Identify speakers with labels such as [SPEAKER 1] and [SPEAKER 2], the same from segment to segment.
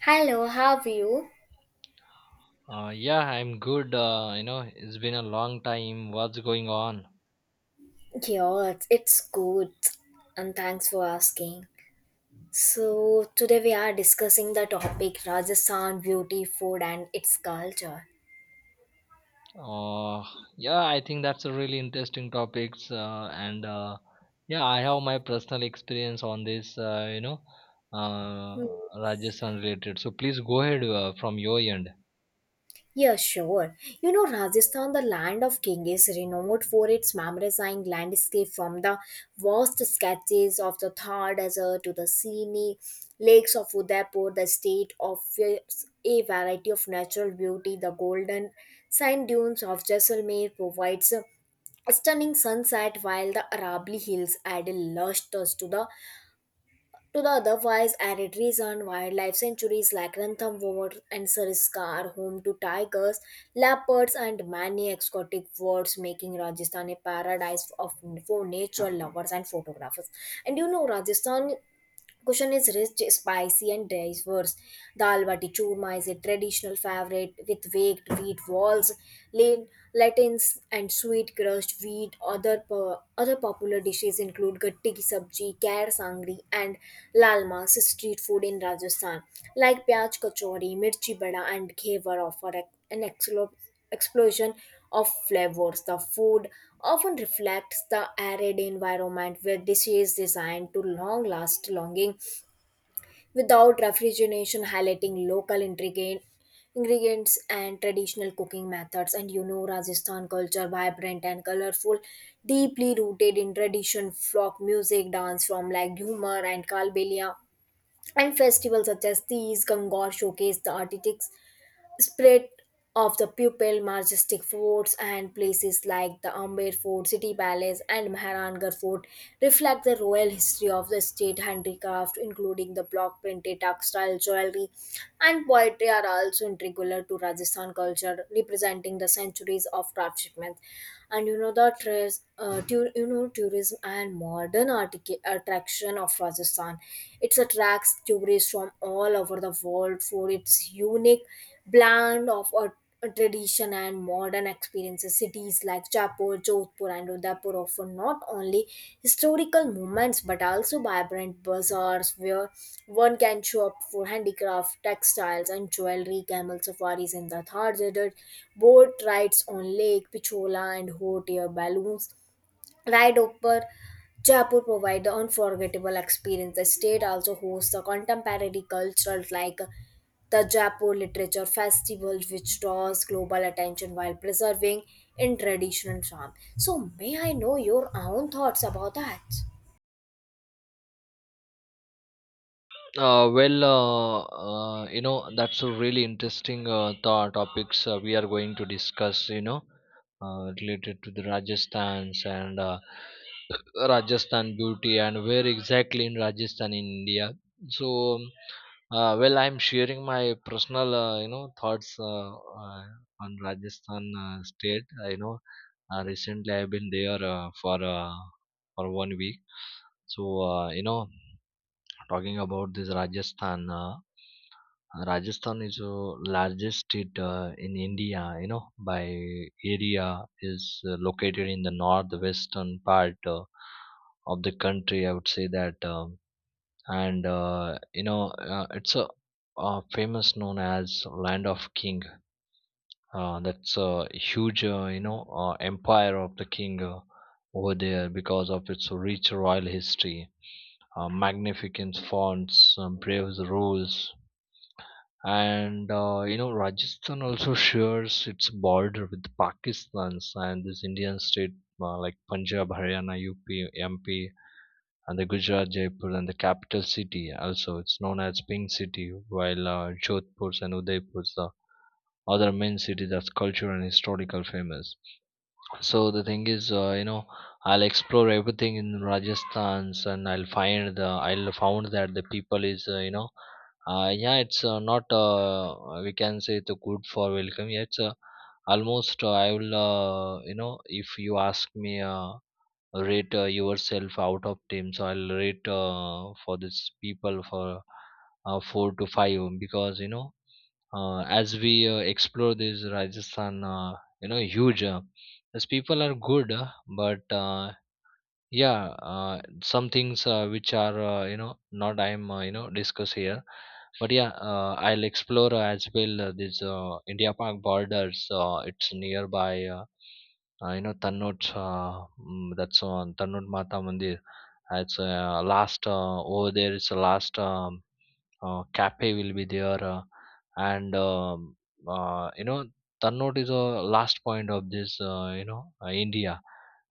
[SPEAKER 1] Hello, how are you?
[SPEAKER 2] Yeah, I'm good. It's been a long time. What's going on?
[SPEAKER 1] Yeah, it's good, and thanks for asking. So, today we are discussing the topic Rajasthan beauty, food, and its culture.
[SPEAKER 2] Uh, yeah, I think that's a really interesting topics, and yeah, I have my personal experience on this, uh, Rajasthan related. So please go ahead from your end.
[SPEAKER 1] Yeah, sure. You know, Rajasthan, the land of king, is renowned for its mesmerizing landscape from the vast sketches of the Thar Desert to the scenic lakes of Udaipur. The state offers a variety of natural beauty. The golden sand dunes of Jaisalmer provides a stunning sunset, while the Arabli hills add a lush touch to the otherwise arid region. Wildlife sanctuaries like Ranthambore and Sariska are home to tigers, leopards, and many exotic birds, making Rajasthan a for nature lovers and photographers. And you know, Rajasthan cuisine is rich, spicy, and diverse. Dal bati churma is a traditional favorite with baked wheat walls, lin- lentils, and sweet crushed wheat. Other popular dishes include gatti ki sabji, kher sangri, and lalmas. Street food in Rajasthan, like pyaj kachori, mirchi bada, and khewar offer an excellent explosion of flavors. The food often reflects the arid environment where dishes designed to long last longing without refrigeration, highlighting local intricate ingredients and traditional cooking methods. And you know, Rajasthan culture, vibrant and colorful, deeply rooted in tradition, folk music, dance from like humor and kalbelia, and festivals such as these Gangor showcase the artistic spirit of the pupil. Majestic forts and places like the Amber Fort, City Palace, and Mehrangarh Fort reflect the royal history of the state. Handicraft including the block printed textile, jewelry, and poetry are also integral to Rajasthan culture, representing the centuries of craftsmanship. And you know, the tres, tu- you know tourism and modern attraction of Rajasthan, it attracts tourists from all over the world for its unique blend of a tradition and modern experiences. Cities like Jaipur, Jodhpur, and Udaipur offer not only historical moments but also vibrant bazaars where one can shop for handicraft, textiles, and jewelry. Camel safaris in the Thar Desert, boat rides on Lake Pichola, and hot air balloons ride over Jaipur provide the unforgettable experience. The state also hosts the contemporary cultural like the Jaipur Literature Festival, which draws global attention while preserving in traditional charm. So, may I know your own thoughts about that?
[SPEAKER 2] Well, that's a really interesting thought topics we are going to discuss, related to the Rajasthan's and Rajasthan beauty and where exactly in Rajasthan, in India. So well, I'm sharing my personal, thoughts on Rajasthan state. Recently I've been there for for 1 week. So, talking about this Rajasthan. Rajasthan is the largest state in India, you know, by area is located in the northwestern part of the country. I would say that, and it's a famous known as land of king. That's a huge, empire of the king over there because of its rich royal history, magnificent fonts, brave rules, and Rajasthan also shares its border with Pakistan's and this Indian state like Punjab, Haryana, UP, MP, and the Gujarat, Jaipur, and the capital city. Also, it's known as Pink City, while Jodhpur and Udaipur, the other main cities that's cultural and historical famous. So the thing is, I'll explore everything in Rajasthan's, and I'll find the I'll found that the people is yeah, it's not we can say the good for welcome. Yeah, it's almost I will if you ask me rate yourself out of team, so I'll rate for this people for four to five because you know as we explore this Rajasthan, huge. These people are good, but yeah, some things which are not I'm discuss here. But yeah, I'll explore as well this India Park borders. It's nearby. Tannod, that's on Tannod Mata Mandir. It's last over there. It's the last cafe will be there and uh, you know Tannote is a last point of this India,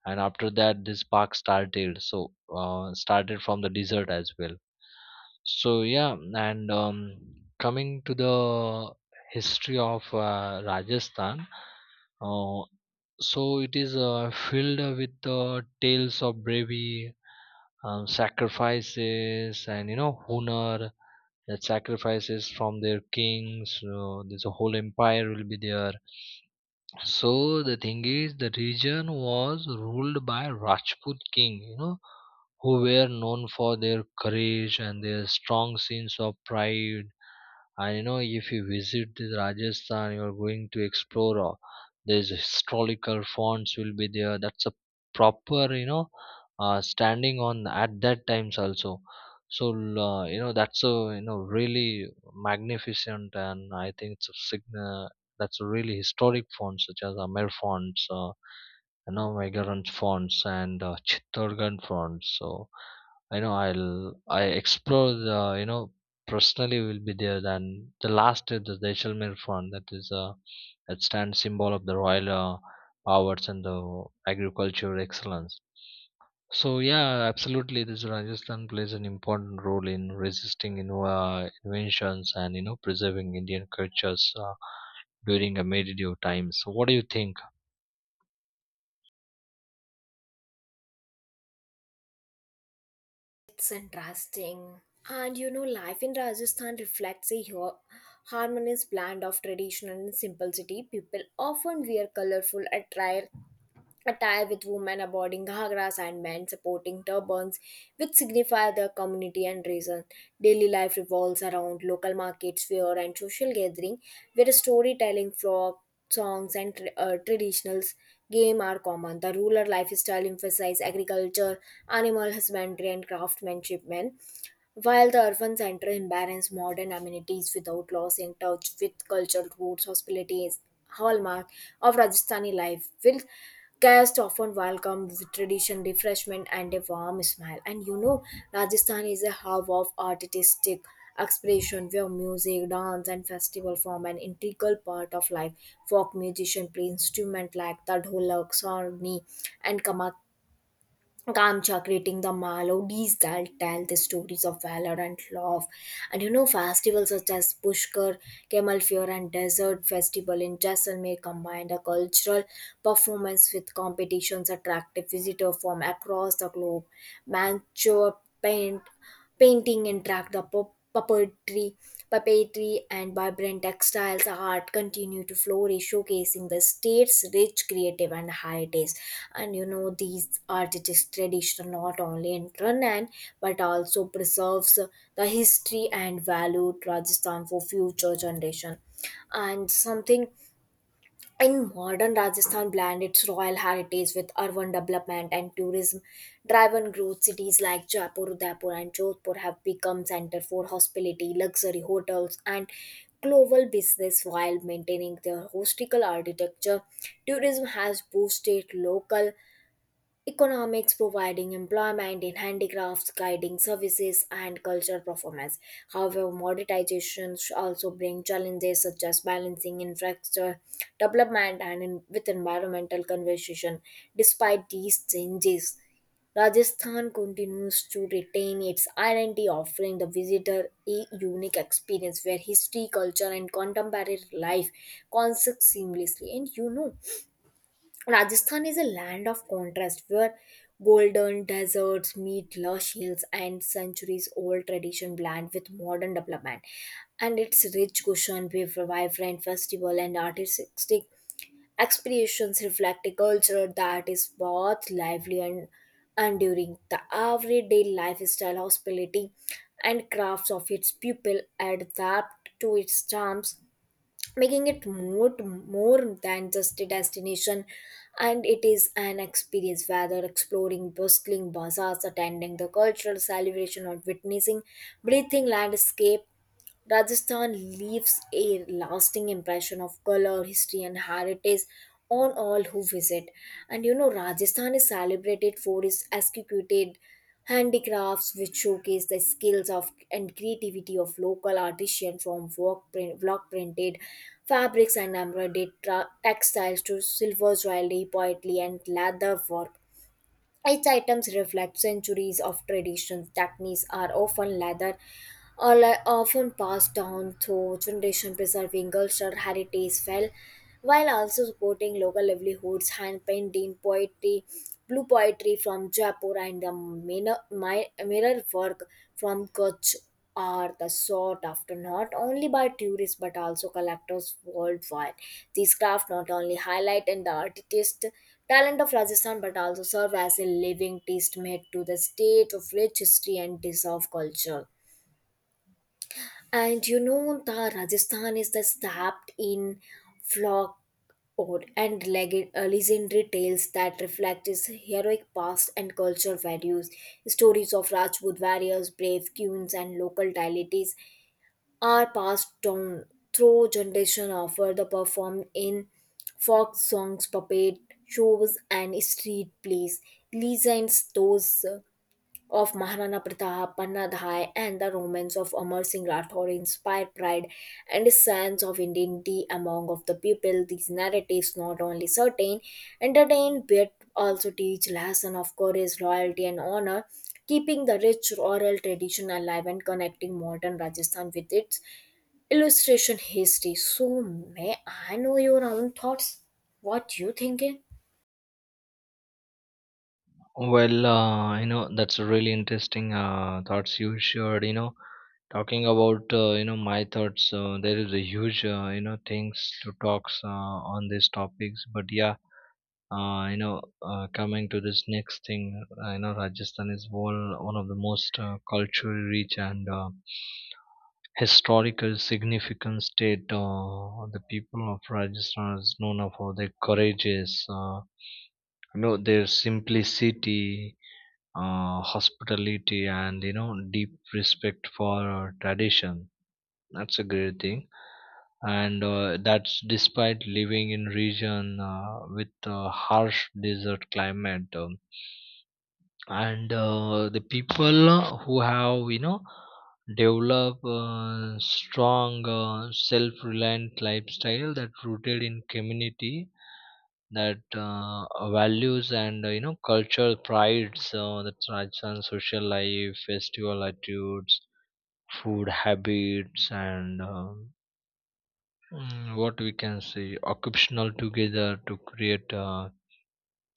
[SPEAKER 2] and after that this park started, so started from the desert as well. So yeah, and coming to the history of Rajasthan, uh, so it is filled with tales of bravery, sacrifices, and you know honor, that sacrifices from their kings. There's a whole empire will be there, so the thing is the region was ruled by Rajput king, you know, who were known for their courage and their strong sense of pride. And you know if you visit the Rajasthan you're going to explore, there's historical fonts will be there, that's a proper you know standing on at that times also. So that's a you know really magnificent, and I think it's a sign, that's a really historic font such as Amer fonts, migrant fonts, and Chittorgarh fonts. So I explore the you know personally will be there. Then the last is the Jaisalmer font, that is that stands symbol of the royal powers and the agricultural excellence. So yeah, absolutely. This Rajasthan plays an important role in resisting in, inventions and you know preserving Indian cultures during a medieval times. So what do you think?
[SPEAKER 1] It's interesting. And you know, life in Rajasthan reflects a harmonious blend of tradition and simplicity. People often wear colorful attire with women aboarding ghagras and men supporting turbans, which signify their community and reason. Daily life revolves around local markets, fair, and social gathering, where storytelling, folk songs, and traditionals game are common. The rural lifestyle emphasizes agriculture, animal husbandry, and craftsmanship. Men. While the urban center embraces modern amenities without losing touch with cultural roots, hospitality is hallmark of Rajasthani life, with guests often welcome with tradition, refreshment, and a warm smile. And you know, Rajasthan is a hub of artistic expression where music, dance, and festival form an integral part of life. Folk musicians play instruments like the dholak, sarni, and kamak Kamcha, creating the melodies that tell the stories of valor and love. And you know, festivals such as Pushkar, Camel Fair, and Desert Festival in Jaisalmer combined a cultural performance with competitions attractive visitors from across the globe. Manchur paint painting and track the puppetry, puppetry, and vibrant textiles art continue to flourish, showcasing the state's rich creative and heritage. And you know, these artistic tradition not only in Rannan but also preserves the history and value Rajasthan for future generation. And something in modern Rajasthan blend its royal heritage with urban development and tourism driven growth. Cities like Jaipur, Udaipur, and Jodhpur have become center for hospitality, luxury hotels, and global business while maintaining their historical architecture. Tourism has boosted local economics, providing employment in handicrafts, guiding services, and cultural performance. However, monetization also bring challenges such as balancing infrastructure development and in, with environmental conservation. Despite these changes, Rajasthan continues to retain its identity, offering the visitor a unique experience where history, culture, and contemporary life coexist seamlessly. And you know, Rajasthan is a land of contrast where golden deserts meet lush hills and centuries old tradition blend with modern development. And its rich cushion with vibrant festival and artistic expressions reflect a culture that is both lively and enduring. The everyday lifestyle, hospitality, and crafts of its people adapt to its charms, making it more than just a destination, and it is an experience. Whether exploring bustling bazaars, attending the cultural celebration, or witnessing breathing landscape, Rajasthan leaves a lasting impression of color, history, and heritage on all who visit. And you know, Rajasthan is celebrated for its executed handicrafts, which showcase the skills of and creativity of local artisans. From work print, block printed fabrics and embroidered textiles to silver jewelry, poetry, and leather work, its items reflect centuries of traditions. Techniques are often leather, or le- often passed down through generation, preserving cultural heritage well, while also supporting local livelihoods. Hand painting, poetry, blue poetry from Jaipur, and the mirror work from Kutch are the sought after not only by tourists but also collectors worldwide. These crafts not only highlight and the artist talent of Rajasthan but also serve as a living testament to the state of rich history and deserved culture. And you know, the Rajasthan is the stabbed in flock or and legendary tales that reflect its heroic past and cultural values. Stories of Rajput warriors, brave queens, and local deities are passed down through generation, offer the performed in folk songs, puppet shows, and street plays. Legends those uh, of Maharana Pratap, Pannadhai, and the romance of Amar Singh Rathore inspired pride and a sense of identity among of the people. These narratives not only entertain, but also teach lesson of courage, loyalty, and honor, keeping the rich oral tradition alive and connecting modern Rajasthan with its illustration history. So, may I know your own thoughts? What you thinking?
[SPEAKER 2] Well, that's a really interesting thoughts you shared. You know, talking about my thoughts. There is a huge things to talks on these topics. But yeah, coming to this next thing, Rajasthan is one of the most culturally rich and historical significant state. The people of Rajasthan is known for their courageous. Their simplicity, hospitality, and you know deep respect for tradition, that's a great thing. And that's despite living in region with a harsh desert climate, and the people who have you know develop strong self-reliant lifestyle that rooted in community, that values and cultural prides that transcend social life festival attitudes food habits, and what we can say occupational together to create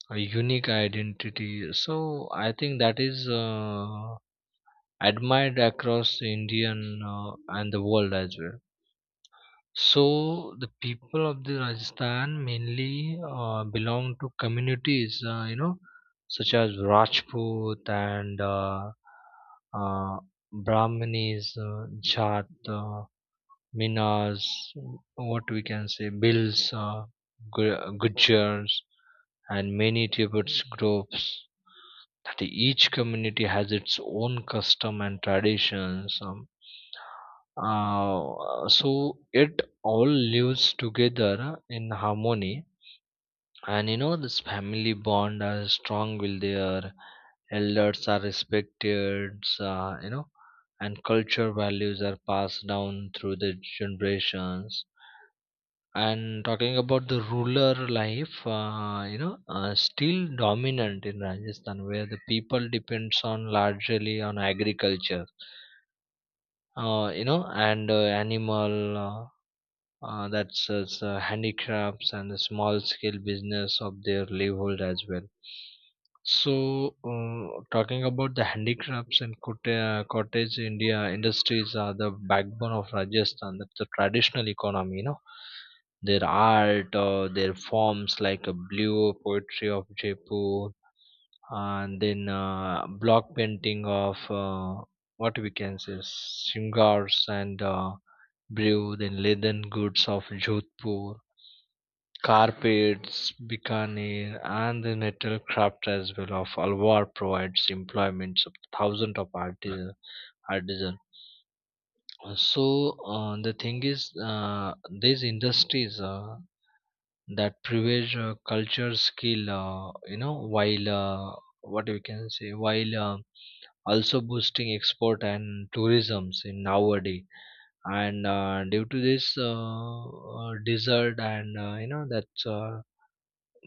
[SPEAKER 2] a unique identity. So I think that is admired across Indian uh, and the world as well. So the people of the Rajasthan mainly belong to communities, such as Rajput and uh, Brahmanis, Jat, Minas, what we can say, Bills, Gujars, and many Tibetan groups. That each community has its own custom and traditions. So it all lives together in harmony, and you know this family bond are strong will their elders are respected, uh, you know and culture values are passed down through the generations. And talking about the rural life, still dominant in Rajasthan where the people depends on largely on agriculture, and animal that's as handicrafts and the small scale business of their livelihood as well. So talking about the handicrafts and cottage india industries are the backbone of Rajasthan, that's the traditional economy, you know, their art or their forms like a blue poetry of Jaipur, and then block painting of what we can say singers and brewed in leaden goods of Jodhpur, carpets, Bikaner, and the metal craft as well of Alwar provides employment of thousands of artisans. Artisan. So the thing is, these industries that privilege culture skill, while what we can say, while also boosting export and tourisms in nowadays. And due to this desert and that's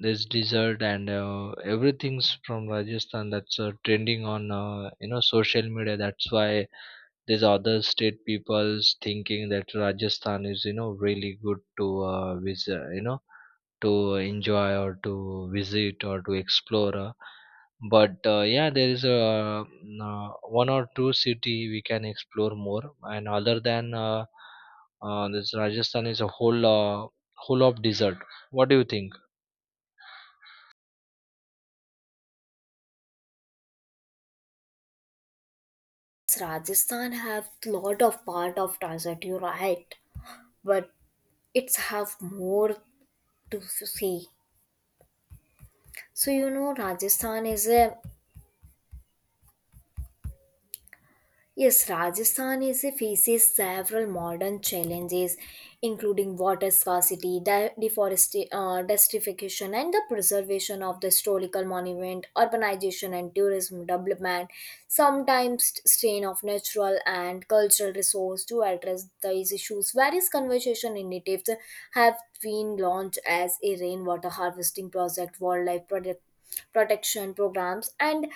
[SPEAKER 2] this desert and everything's from Rajasthan that's trending on social media, that's why these other state people's thinking that Rajasthan is you know really good to visit, you know, to enjoy or to visit or to explore. But yeah, there is a one or two city we can explore more. And other than this, Rajasthan is a whole of desert. What do you think?
[SPEAKER 1] Rajasthan have lot of part of desert. You're right. But it's have more to see. So you know, Rajasthan is a Yes, Rajasthan is faces several modern challenges, including water scarcity, deforestation, desertification, and the preservation of the historical monument. Urbanization and tourism development sometimes strain of natural and cultural resource. To address these issues, various conservation initiatives have been launched as a rainwater harvesting project, wildlife product protection programs, and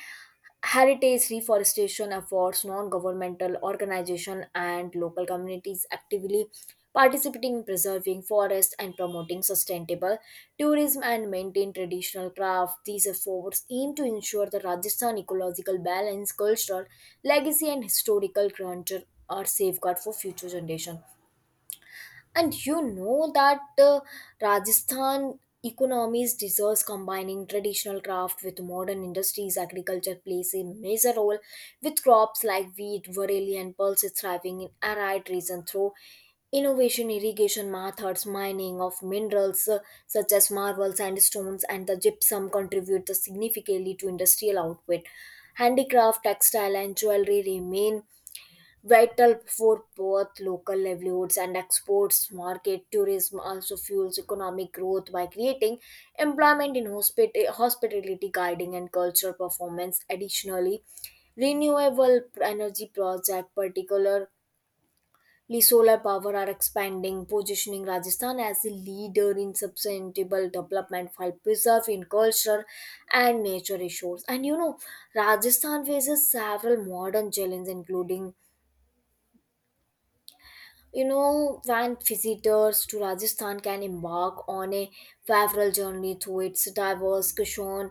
[SPEAKER 1] heritage reforestation efforts. Non governmental organization and local communities actively participating in preserving forests and promoting sustainable tourism and maintain traditional craft. These efforts aim to ensure the Rajasthan ecological balance, cultural legacy, and historical grandeur are safeguarded for future generations. And you know that Rajasthan economies deserves combining traditional craft with modern industries. Agriculture plays a major role with crops like wheat, barley, and pulses thriving in arid regions through innovation irrigation methods. Mining of minerals such as marble, sandstones, and the gypsum contribute significantly to industrial output. Handicraft, textile, and jewelry remain vital for both local livelihoods and exports market. Tourism also fuels economic growth by creating employment in hospitality, guiding, and cultural performance. Additionally, renewable energy projects, particularly solar power, are expanding, positioning Rajasthan as a leader in sustainable development while preserving culture and nature resources. And you know, Rajasthan faces several modern challenges, including You know, when visitors to Rajasthan can embark on a favorable journey through its diverse cuisine.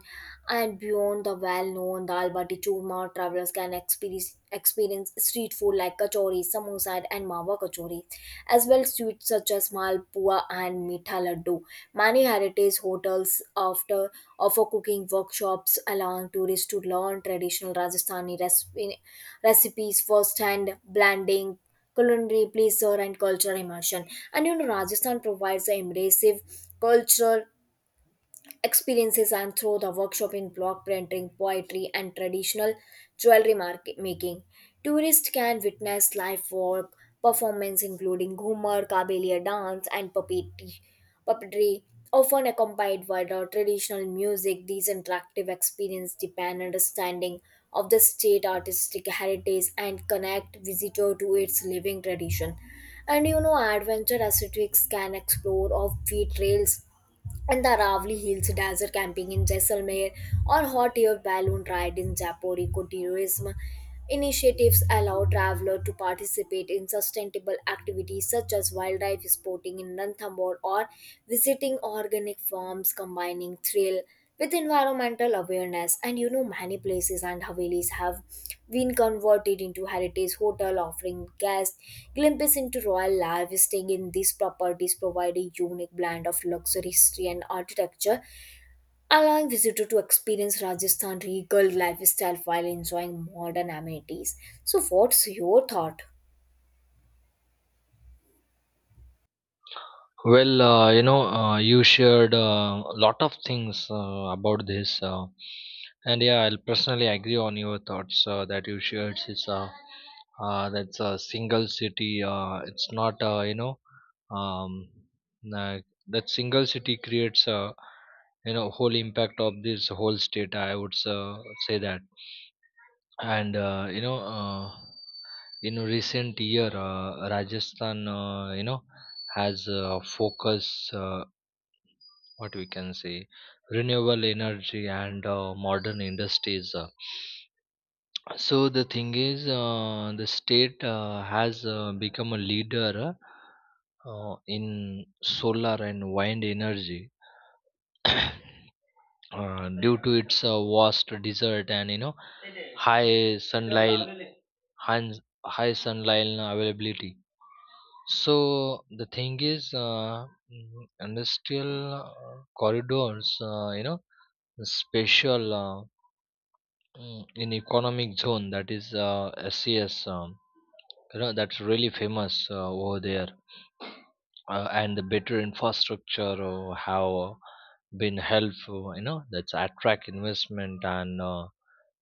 [SPEAKER 1] And beyond the well-known dal bati churma, travelers can experience street food like kachori, samosa, and mawa kachori, as well as sweets such as malpua and mitha laddu. Many heritage hotels after offer cooking workshops, allowing tourists to learn traditional Rajasthani recipes firsthand, blending culinary, pleasure, and cultural immersion. And you know, Rajasthan provides an immersive cultural experiences and through the workshop in block printing, poetry, and traditional jewelry market making. Tourists can witness live work performance including ghumar, kabelia dance, and puppetry, often accompanied by the traditional music. These interactive experiences deepen understanding of the state artistic heritage and connect visitor to its living tradition. And you know, adventure aesthetics can explore offbeat trails and the Aravali Hills, desert camping in Jaisalmer, or hot air balloon ride in Jaipur. Ecotourism initiatives allow travelers to participate in sustainable activities such as wildlife sporting in Ranthambore or visiting organic farms, combining thrill with environmental awareness. And you know, many places and havelis have been converted into heritage hotel, offering guests glimpses into royal life. Staying in these properties provide a unique blend of luxury, history, and architecture, allowing visitor to experience Rajasthan regal lifestyle while enjoying modern amenities. So what's your thought?
[SPEAKER 2] Well, you shared a lot of things about this, and yeah, I'll personally agree on your thoughts that you shared. It's that's a single city. It's not, um, uh, that single city creates a, you know, whole impact of this whole state. I would say that, and in recent year, Rajasthan, has focus. What we can say renewable energy and modern industries. So the thing is the state has become a leader in solar and wind energy due to its vast desert and you know high sunlight high, high sunlight availability. So the thing is mm, industrial corridors, special, in economic zone that is SES, that's really famous over there. And the better infrastructure have been helpful, you know, that's attract investment, and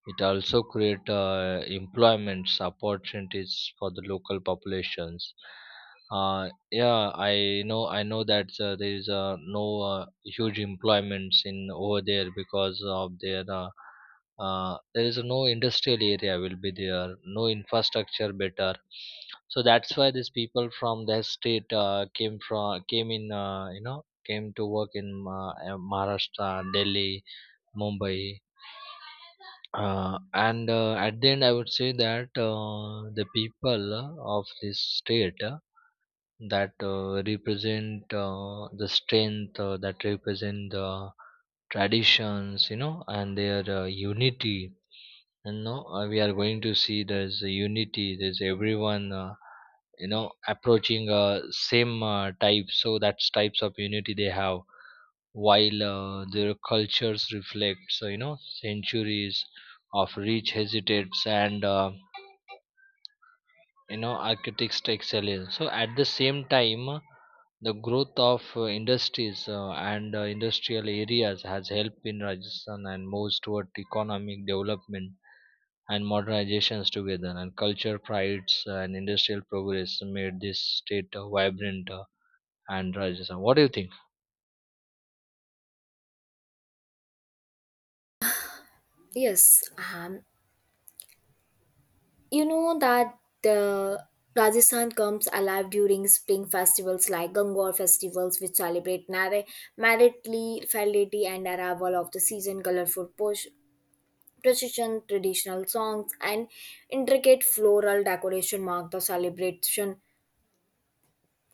[SPEAKER 2] it also create employments opportunities for the local populations. Yeah, I know. I know that there is no huge employments in over there because of their there is no industrial area will be there, no infrastructure better. So that's why these people from that state came in, came to work in Maharashtra, Delhi, Mumbai. And at the end, I would say that the people of this state that represent the strength, that represent the traditions, you know, and their unity. And no, we are going to see there's a unity. There's everyone, approaching same type. So that's types of unity they have, while their cultures reflect so you know centuries of rich hesitates, and architects excellence. So at the same time the growth of industries and industrial areas has helped in Rajasthan and moves toward economic development and modernizations together, and culture prides and industrial progress made this state vibrant and Rajasthan. What do you think?
[SPEAKER 1] Yes, um, you know that uh, Rajasthan comes alive during spring festivals like Gangor festivals, which celebrate maritally fertility and arrival of the season. Colorful push, procession, traditional songs, and intricate floral decoration mark the celebration,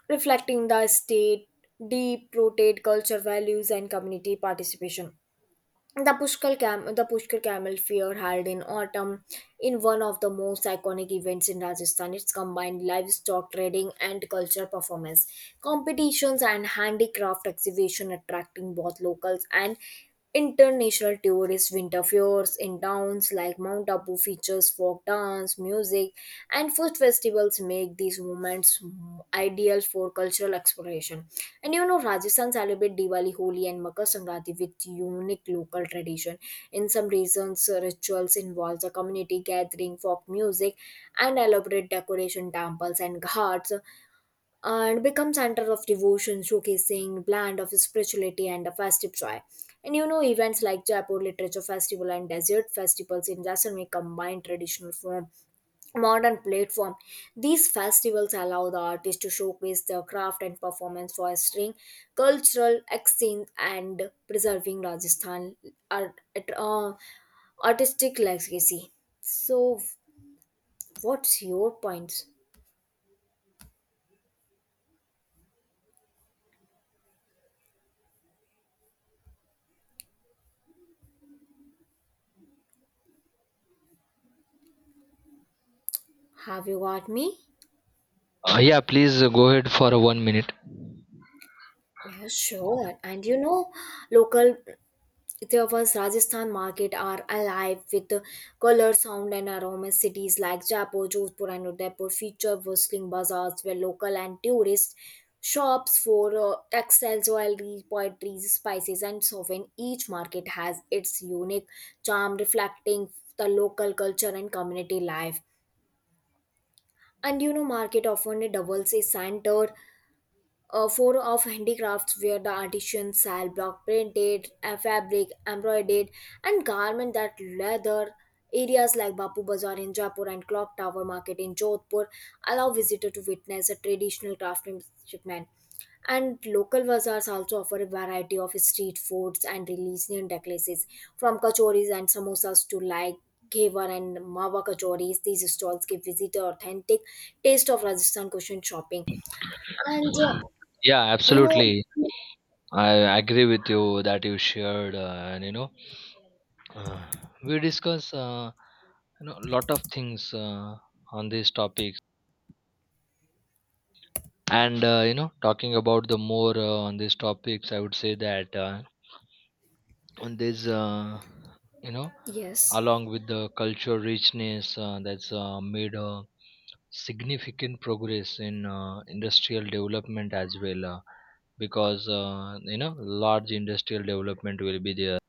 [SPEAKER 1] reflecting the state deep-rooted culture values and community participation. The the Pushkar Camel Fair held in autumn in one of the most iconic events in Rajasthan. It's combined livestock trading and culture performance competitions and handicraft exhibition attracting both locals and international tourists. Winter fairs in towns like Mount Abu features folk dance, music and food festivals make these moments ideal for cultural exploration. Rajasthan celebrate Diwali, Holi, and Makar Sankranti with unique local tradition. In some regions, rituals involves a community gathering, folk music, and elaborate decoration, temples and ghats, and become center of devotion, showcasing blend of spirituality and a festive joy. Events like Jaipur Literature Festival and Desert Festivals in Jaisalmer combine traditional form modern platform. These festivals allow the artists to showcase their craft and performance, fostering cultural exchange and preserving Rajasthan art, uh, artistic legacy. So, what's your points? Have you got me?
[SPEAKER 2] Yeah, please go ahead for 1 minute.
[SPEAKER 1] Yes, sure. Local Ethiopia's Rajasthan market are alive with the color, sound, and aromas. Cities like Jaipur, Jodhpur, and Udaipur feature bustling bazaars where local and tourist shops for textiles, jewelry, poetry, spices, and sovereign. Each market has its unique charm, reflecting the local culture and community life. Market often doubles a center four of handicrafts where the artisans sell block printed fabric embroidered and garment that leather areas like Bapu Bazaar in Jaipur and Clock Tower Market in Jodhpur allow visitor to witness a traditional craftsmanship man and local bazaars also offer a variety of street foods and religious necklaces, from kachoris and samosas to like Ghevar and Mawa kachoris. These stalls give visitor authentic taste of Rajasthan cushion shopping. And uh,
[SPEAKER 2] Yeah,
[SPEAKER 1] you know,
[SPEAKER 2] absolutely. I agree with you that you shared, and uh, we discuss a lot of things on these topics. And talking about the more on these topics, I would say that and there's you know
[SPEAKER 1] yes,
[SPEAKER 2] along with the cultural richness that's made a significant progress in industrial development as well, because large industrial development will be there.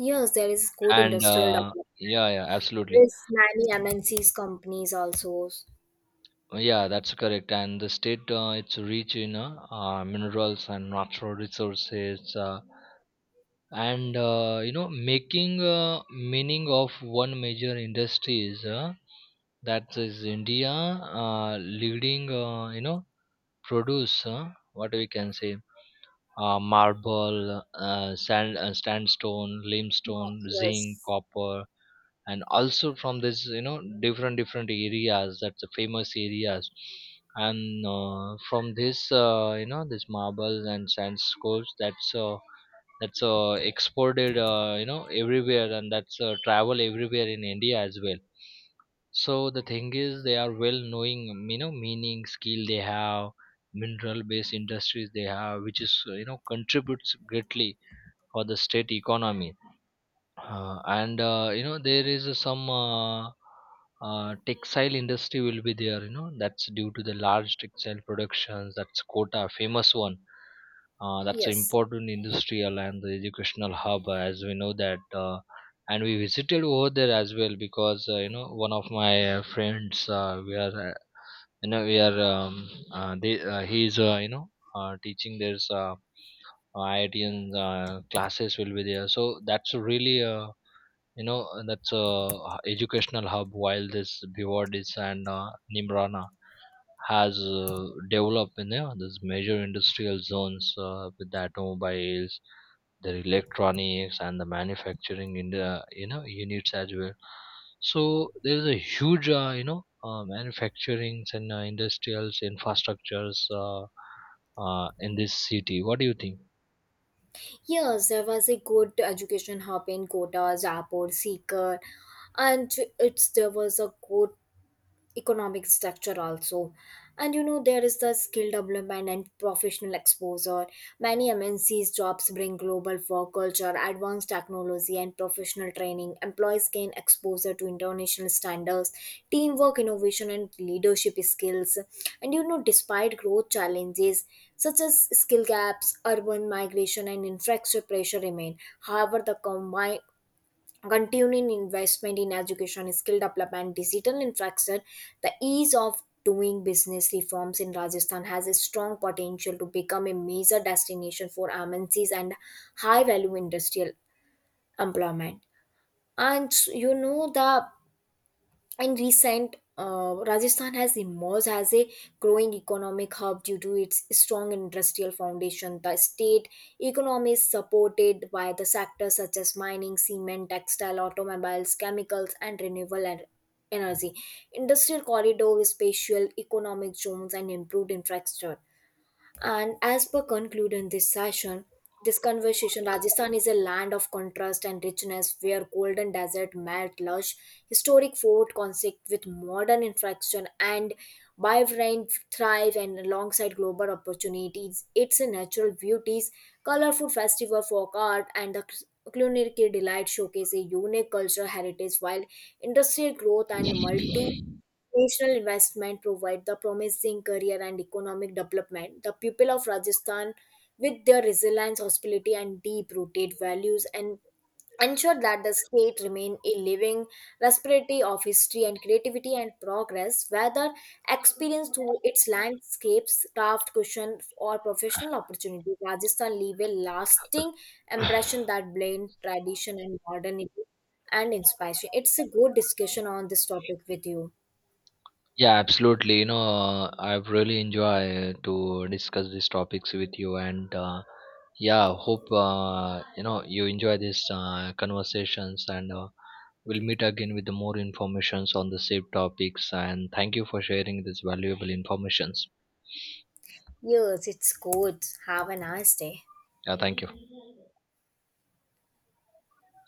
[SPEAKER 1] yes, there is good
[SPEAKER 2] and
[SPEAKER 1] industrial
[SPEAKER 2] uh,
[SPEAKER 1] development.
[SPEAKER 2] yeah,
[SPEAKER 1] There
[SPEAKER 2] absolutely.
[SPEAKER 1] is many MNCs companies also.
[SPEAKER 2] Yeah, that's correct. And the state it's rich in minerals and natural resources, and making meaning of one major industry is that is India leading, produce what we can say marble, sand, sandstone,
[SPEAKER 1] No,
[SPEAKER 2] limestone, zinc,
[SPEAKER 1] yes,
[SPEAKER 2] copper, and also from this you know different areas, that's the famous areas. And from this this marble and sand scores, that's exported, everywhere, and that's travel everywhere in India as well. So the thing is they are well knowing, you know, meaning skill they have, mineral based industries they have, which is you know contributes greatly for the state economy. And you know There is some textile industry will be there, you know, that's due to the large textile productions that's quota famous one, that's an
[SPEAKER 1] yes,
[SPEAKER 2] important industrial and the educational hub, as we know that and we visited over there as well, because one of my friends, we are you know we are they he is, teaching there's IITian classes will be there. So that's really that's a educational hub, while this Bivardis and Nimrana has developed in you know these major industrial zones with the automobiles, the electronics, and the manufacturing in the you know units as well. So there's a huge manufacturing and industrials infrastructures in this city. What do you think?
[SPEAKER 1] yes. There was a good education hub in Kota, Jaipur, Sikar, and it's there was a good economic structure also. And you know, there is the skill development and professional exposure. Many MNCs jobs bring global work culture, advanced technology, and professional training. Employees gain exposure to international standards, teamwork, innovation, and leadership skills. And you know, despite growth challenges such as skill gaps, urban migration, and infrastructure pressure remain, however the combine continuing investment in education, skill development, digital infrastructure, the ease of doing business reforms in Rajasthan has a strong potential to become a major destination for MNCs and high value industrial employment. And you know the in recent, Rajasthan has emerged as a growing economic hub due to its strong industrial foundation. The state economy is supported by the sectors such as mining, cement, textile, automobiles, chemicals, and energy. Industrial corridors, spatial economic zones, and improved infrastructure and as per conclude in this session, this conversation, Rajasthan is a land of contrast and richness where golden desert met lush historic fort conflict with modern infraction and vibrant thrive and alongside global opportunities. Its natural beauties, colorful festival folk art and the culinary delight showcase a unique cultural heritage while industrial growth and multi national investment provide the promising career and economic development. The people of Rajasthan, with their resilience, hospitality, and deep-rooted values, and ensure that the state remain a living respiratory of history and creativity and progress, whether experienced through its landscapes, craft, cushion, or professional opportunity. Rajasthan leave a lasting impression that blend tradition and modernity and inspiration. It's a good discussion on this topic with you.
[SPEAKER 2] Yeah, absolutely. You know, I've really enjoyed to discuss these topics with you, and yeah, hope you enjoy these conversations, and we'll meet again with the more informations on the same topics. And thank you for sharing this valuable informations.
[SPEAKER 1] Yes, it's good. Have a nice day.
[SPEAKER 2] Yeah, thank you.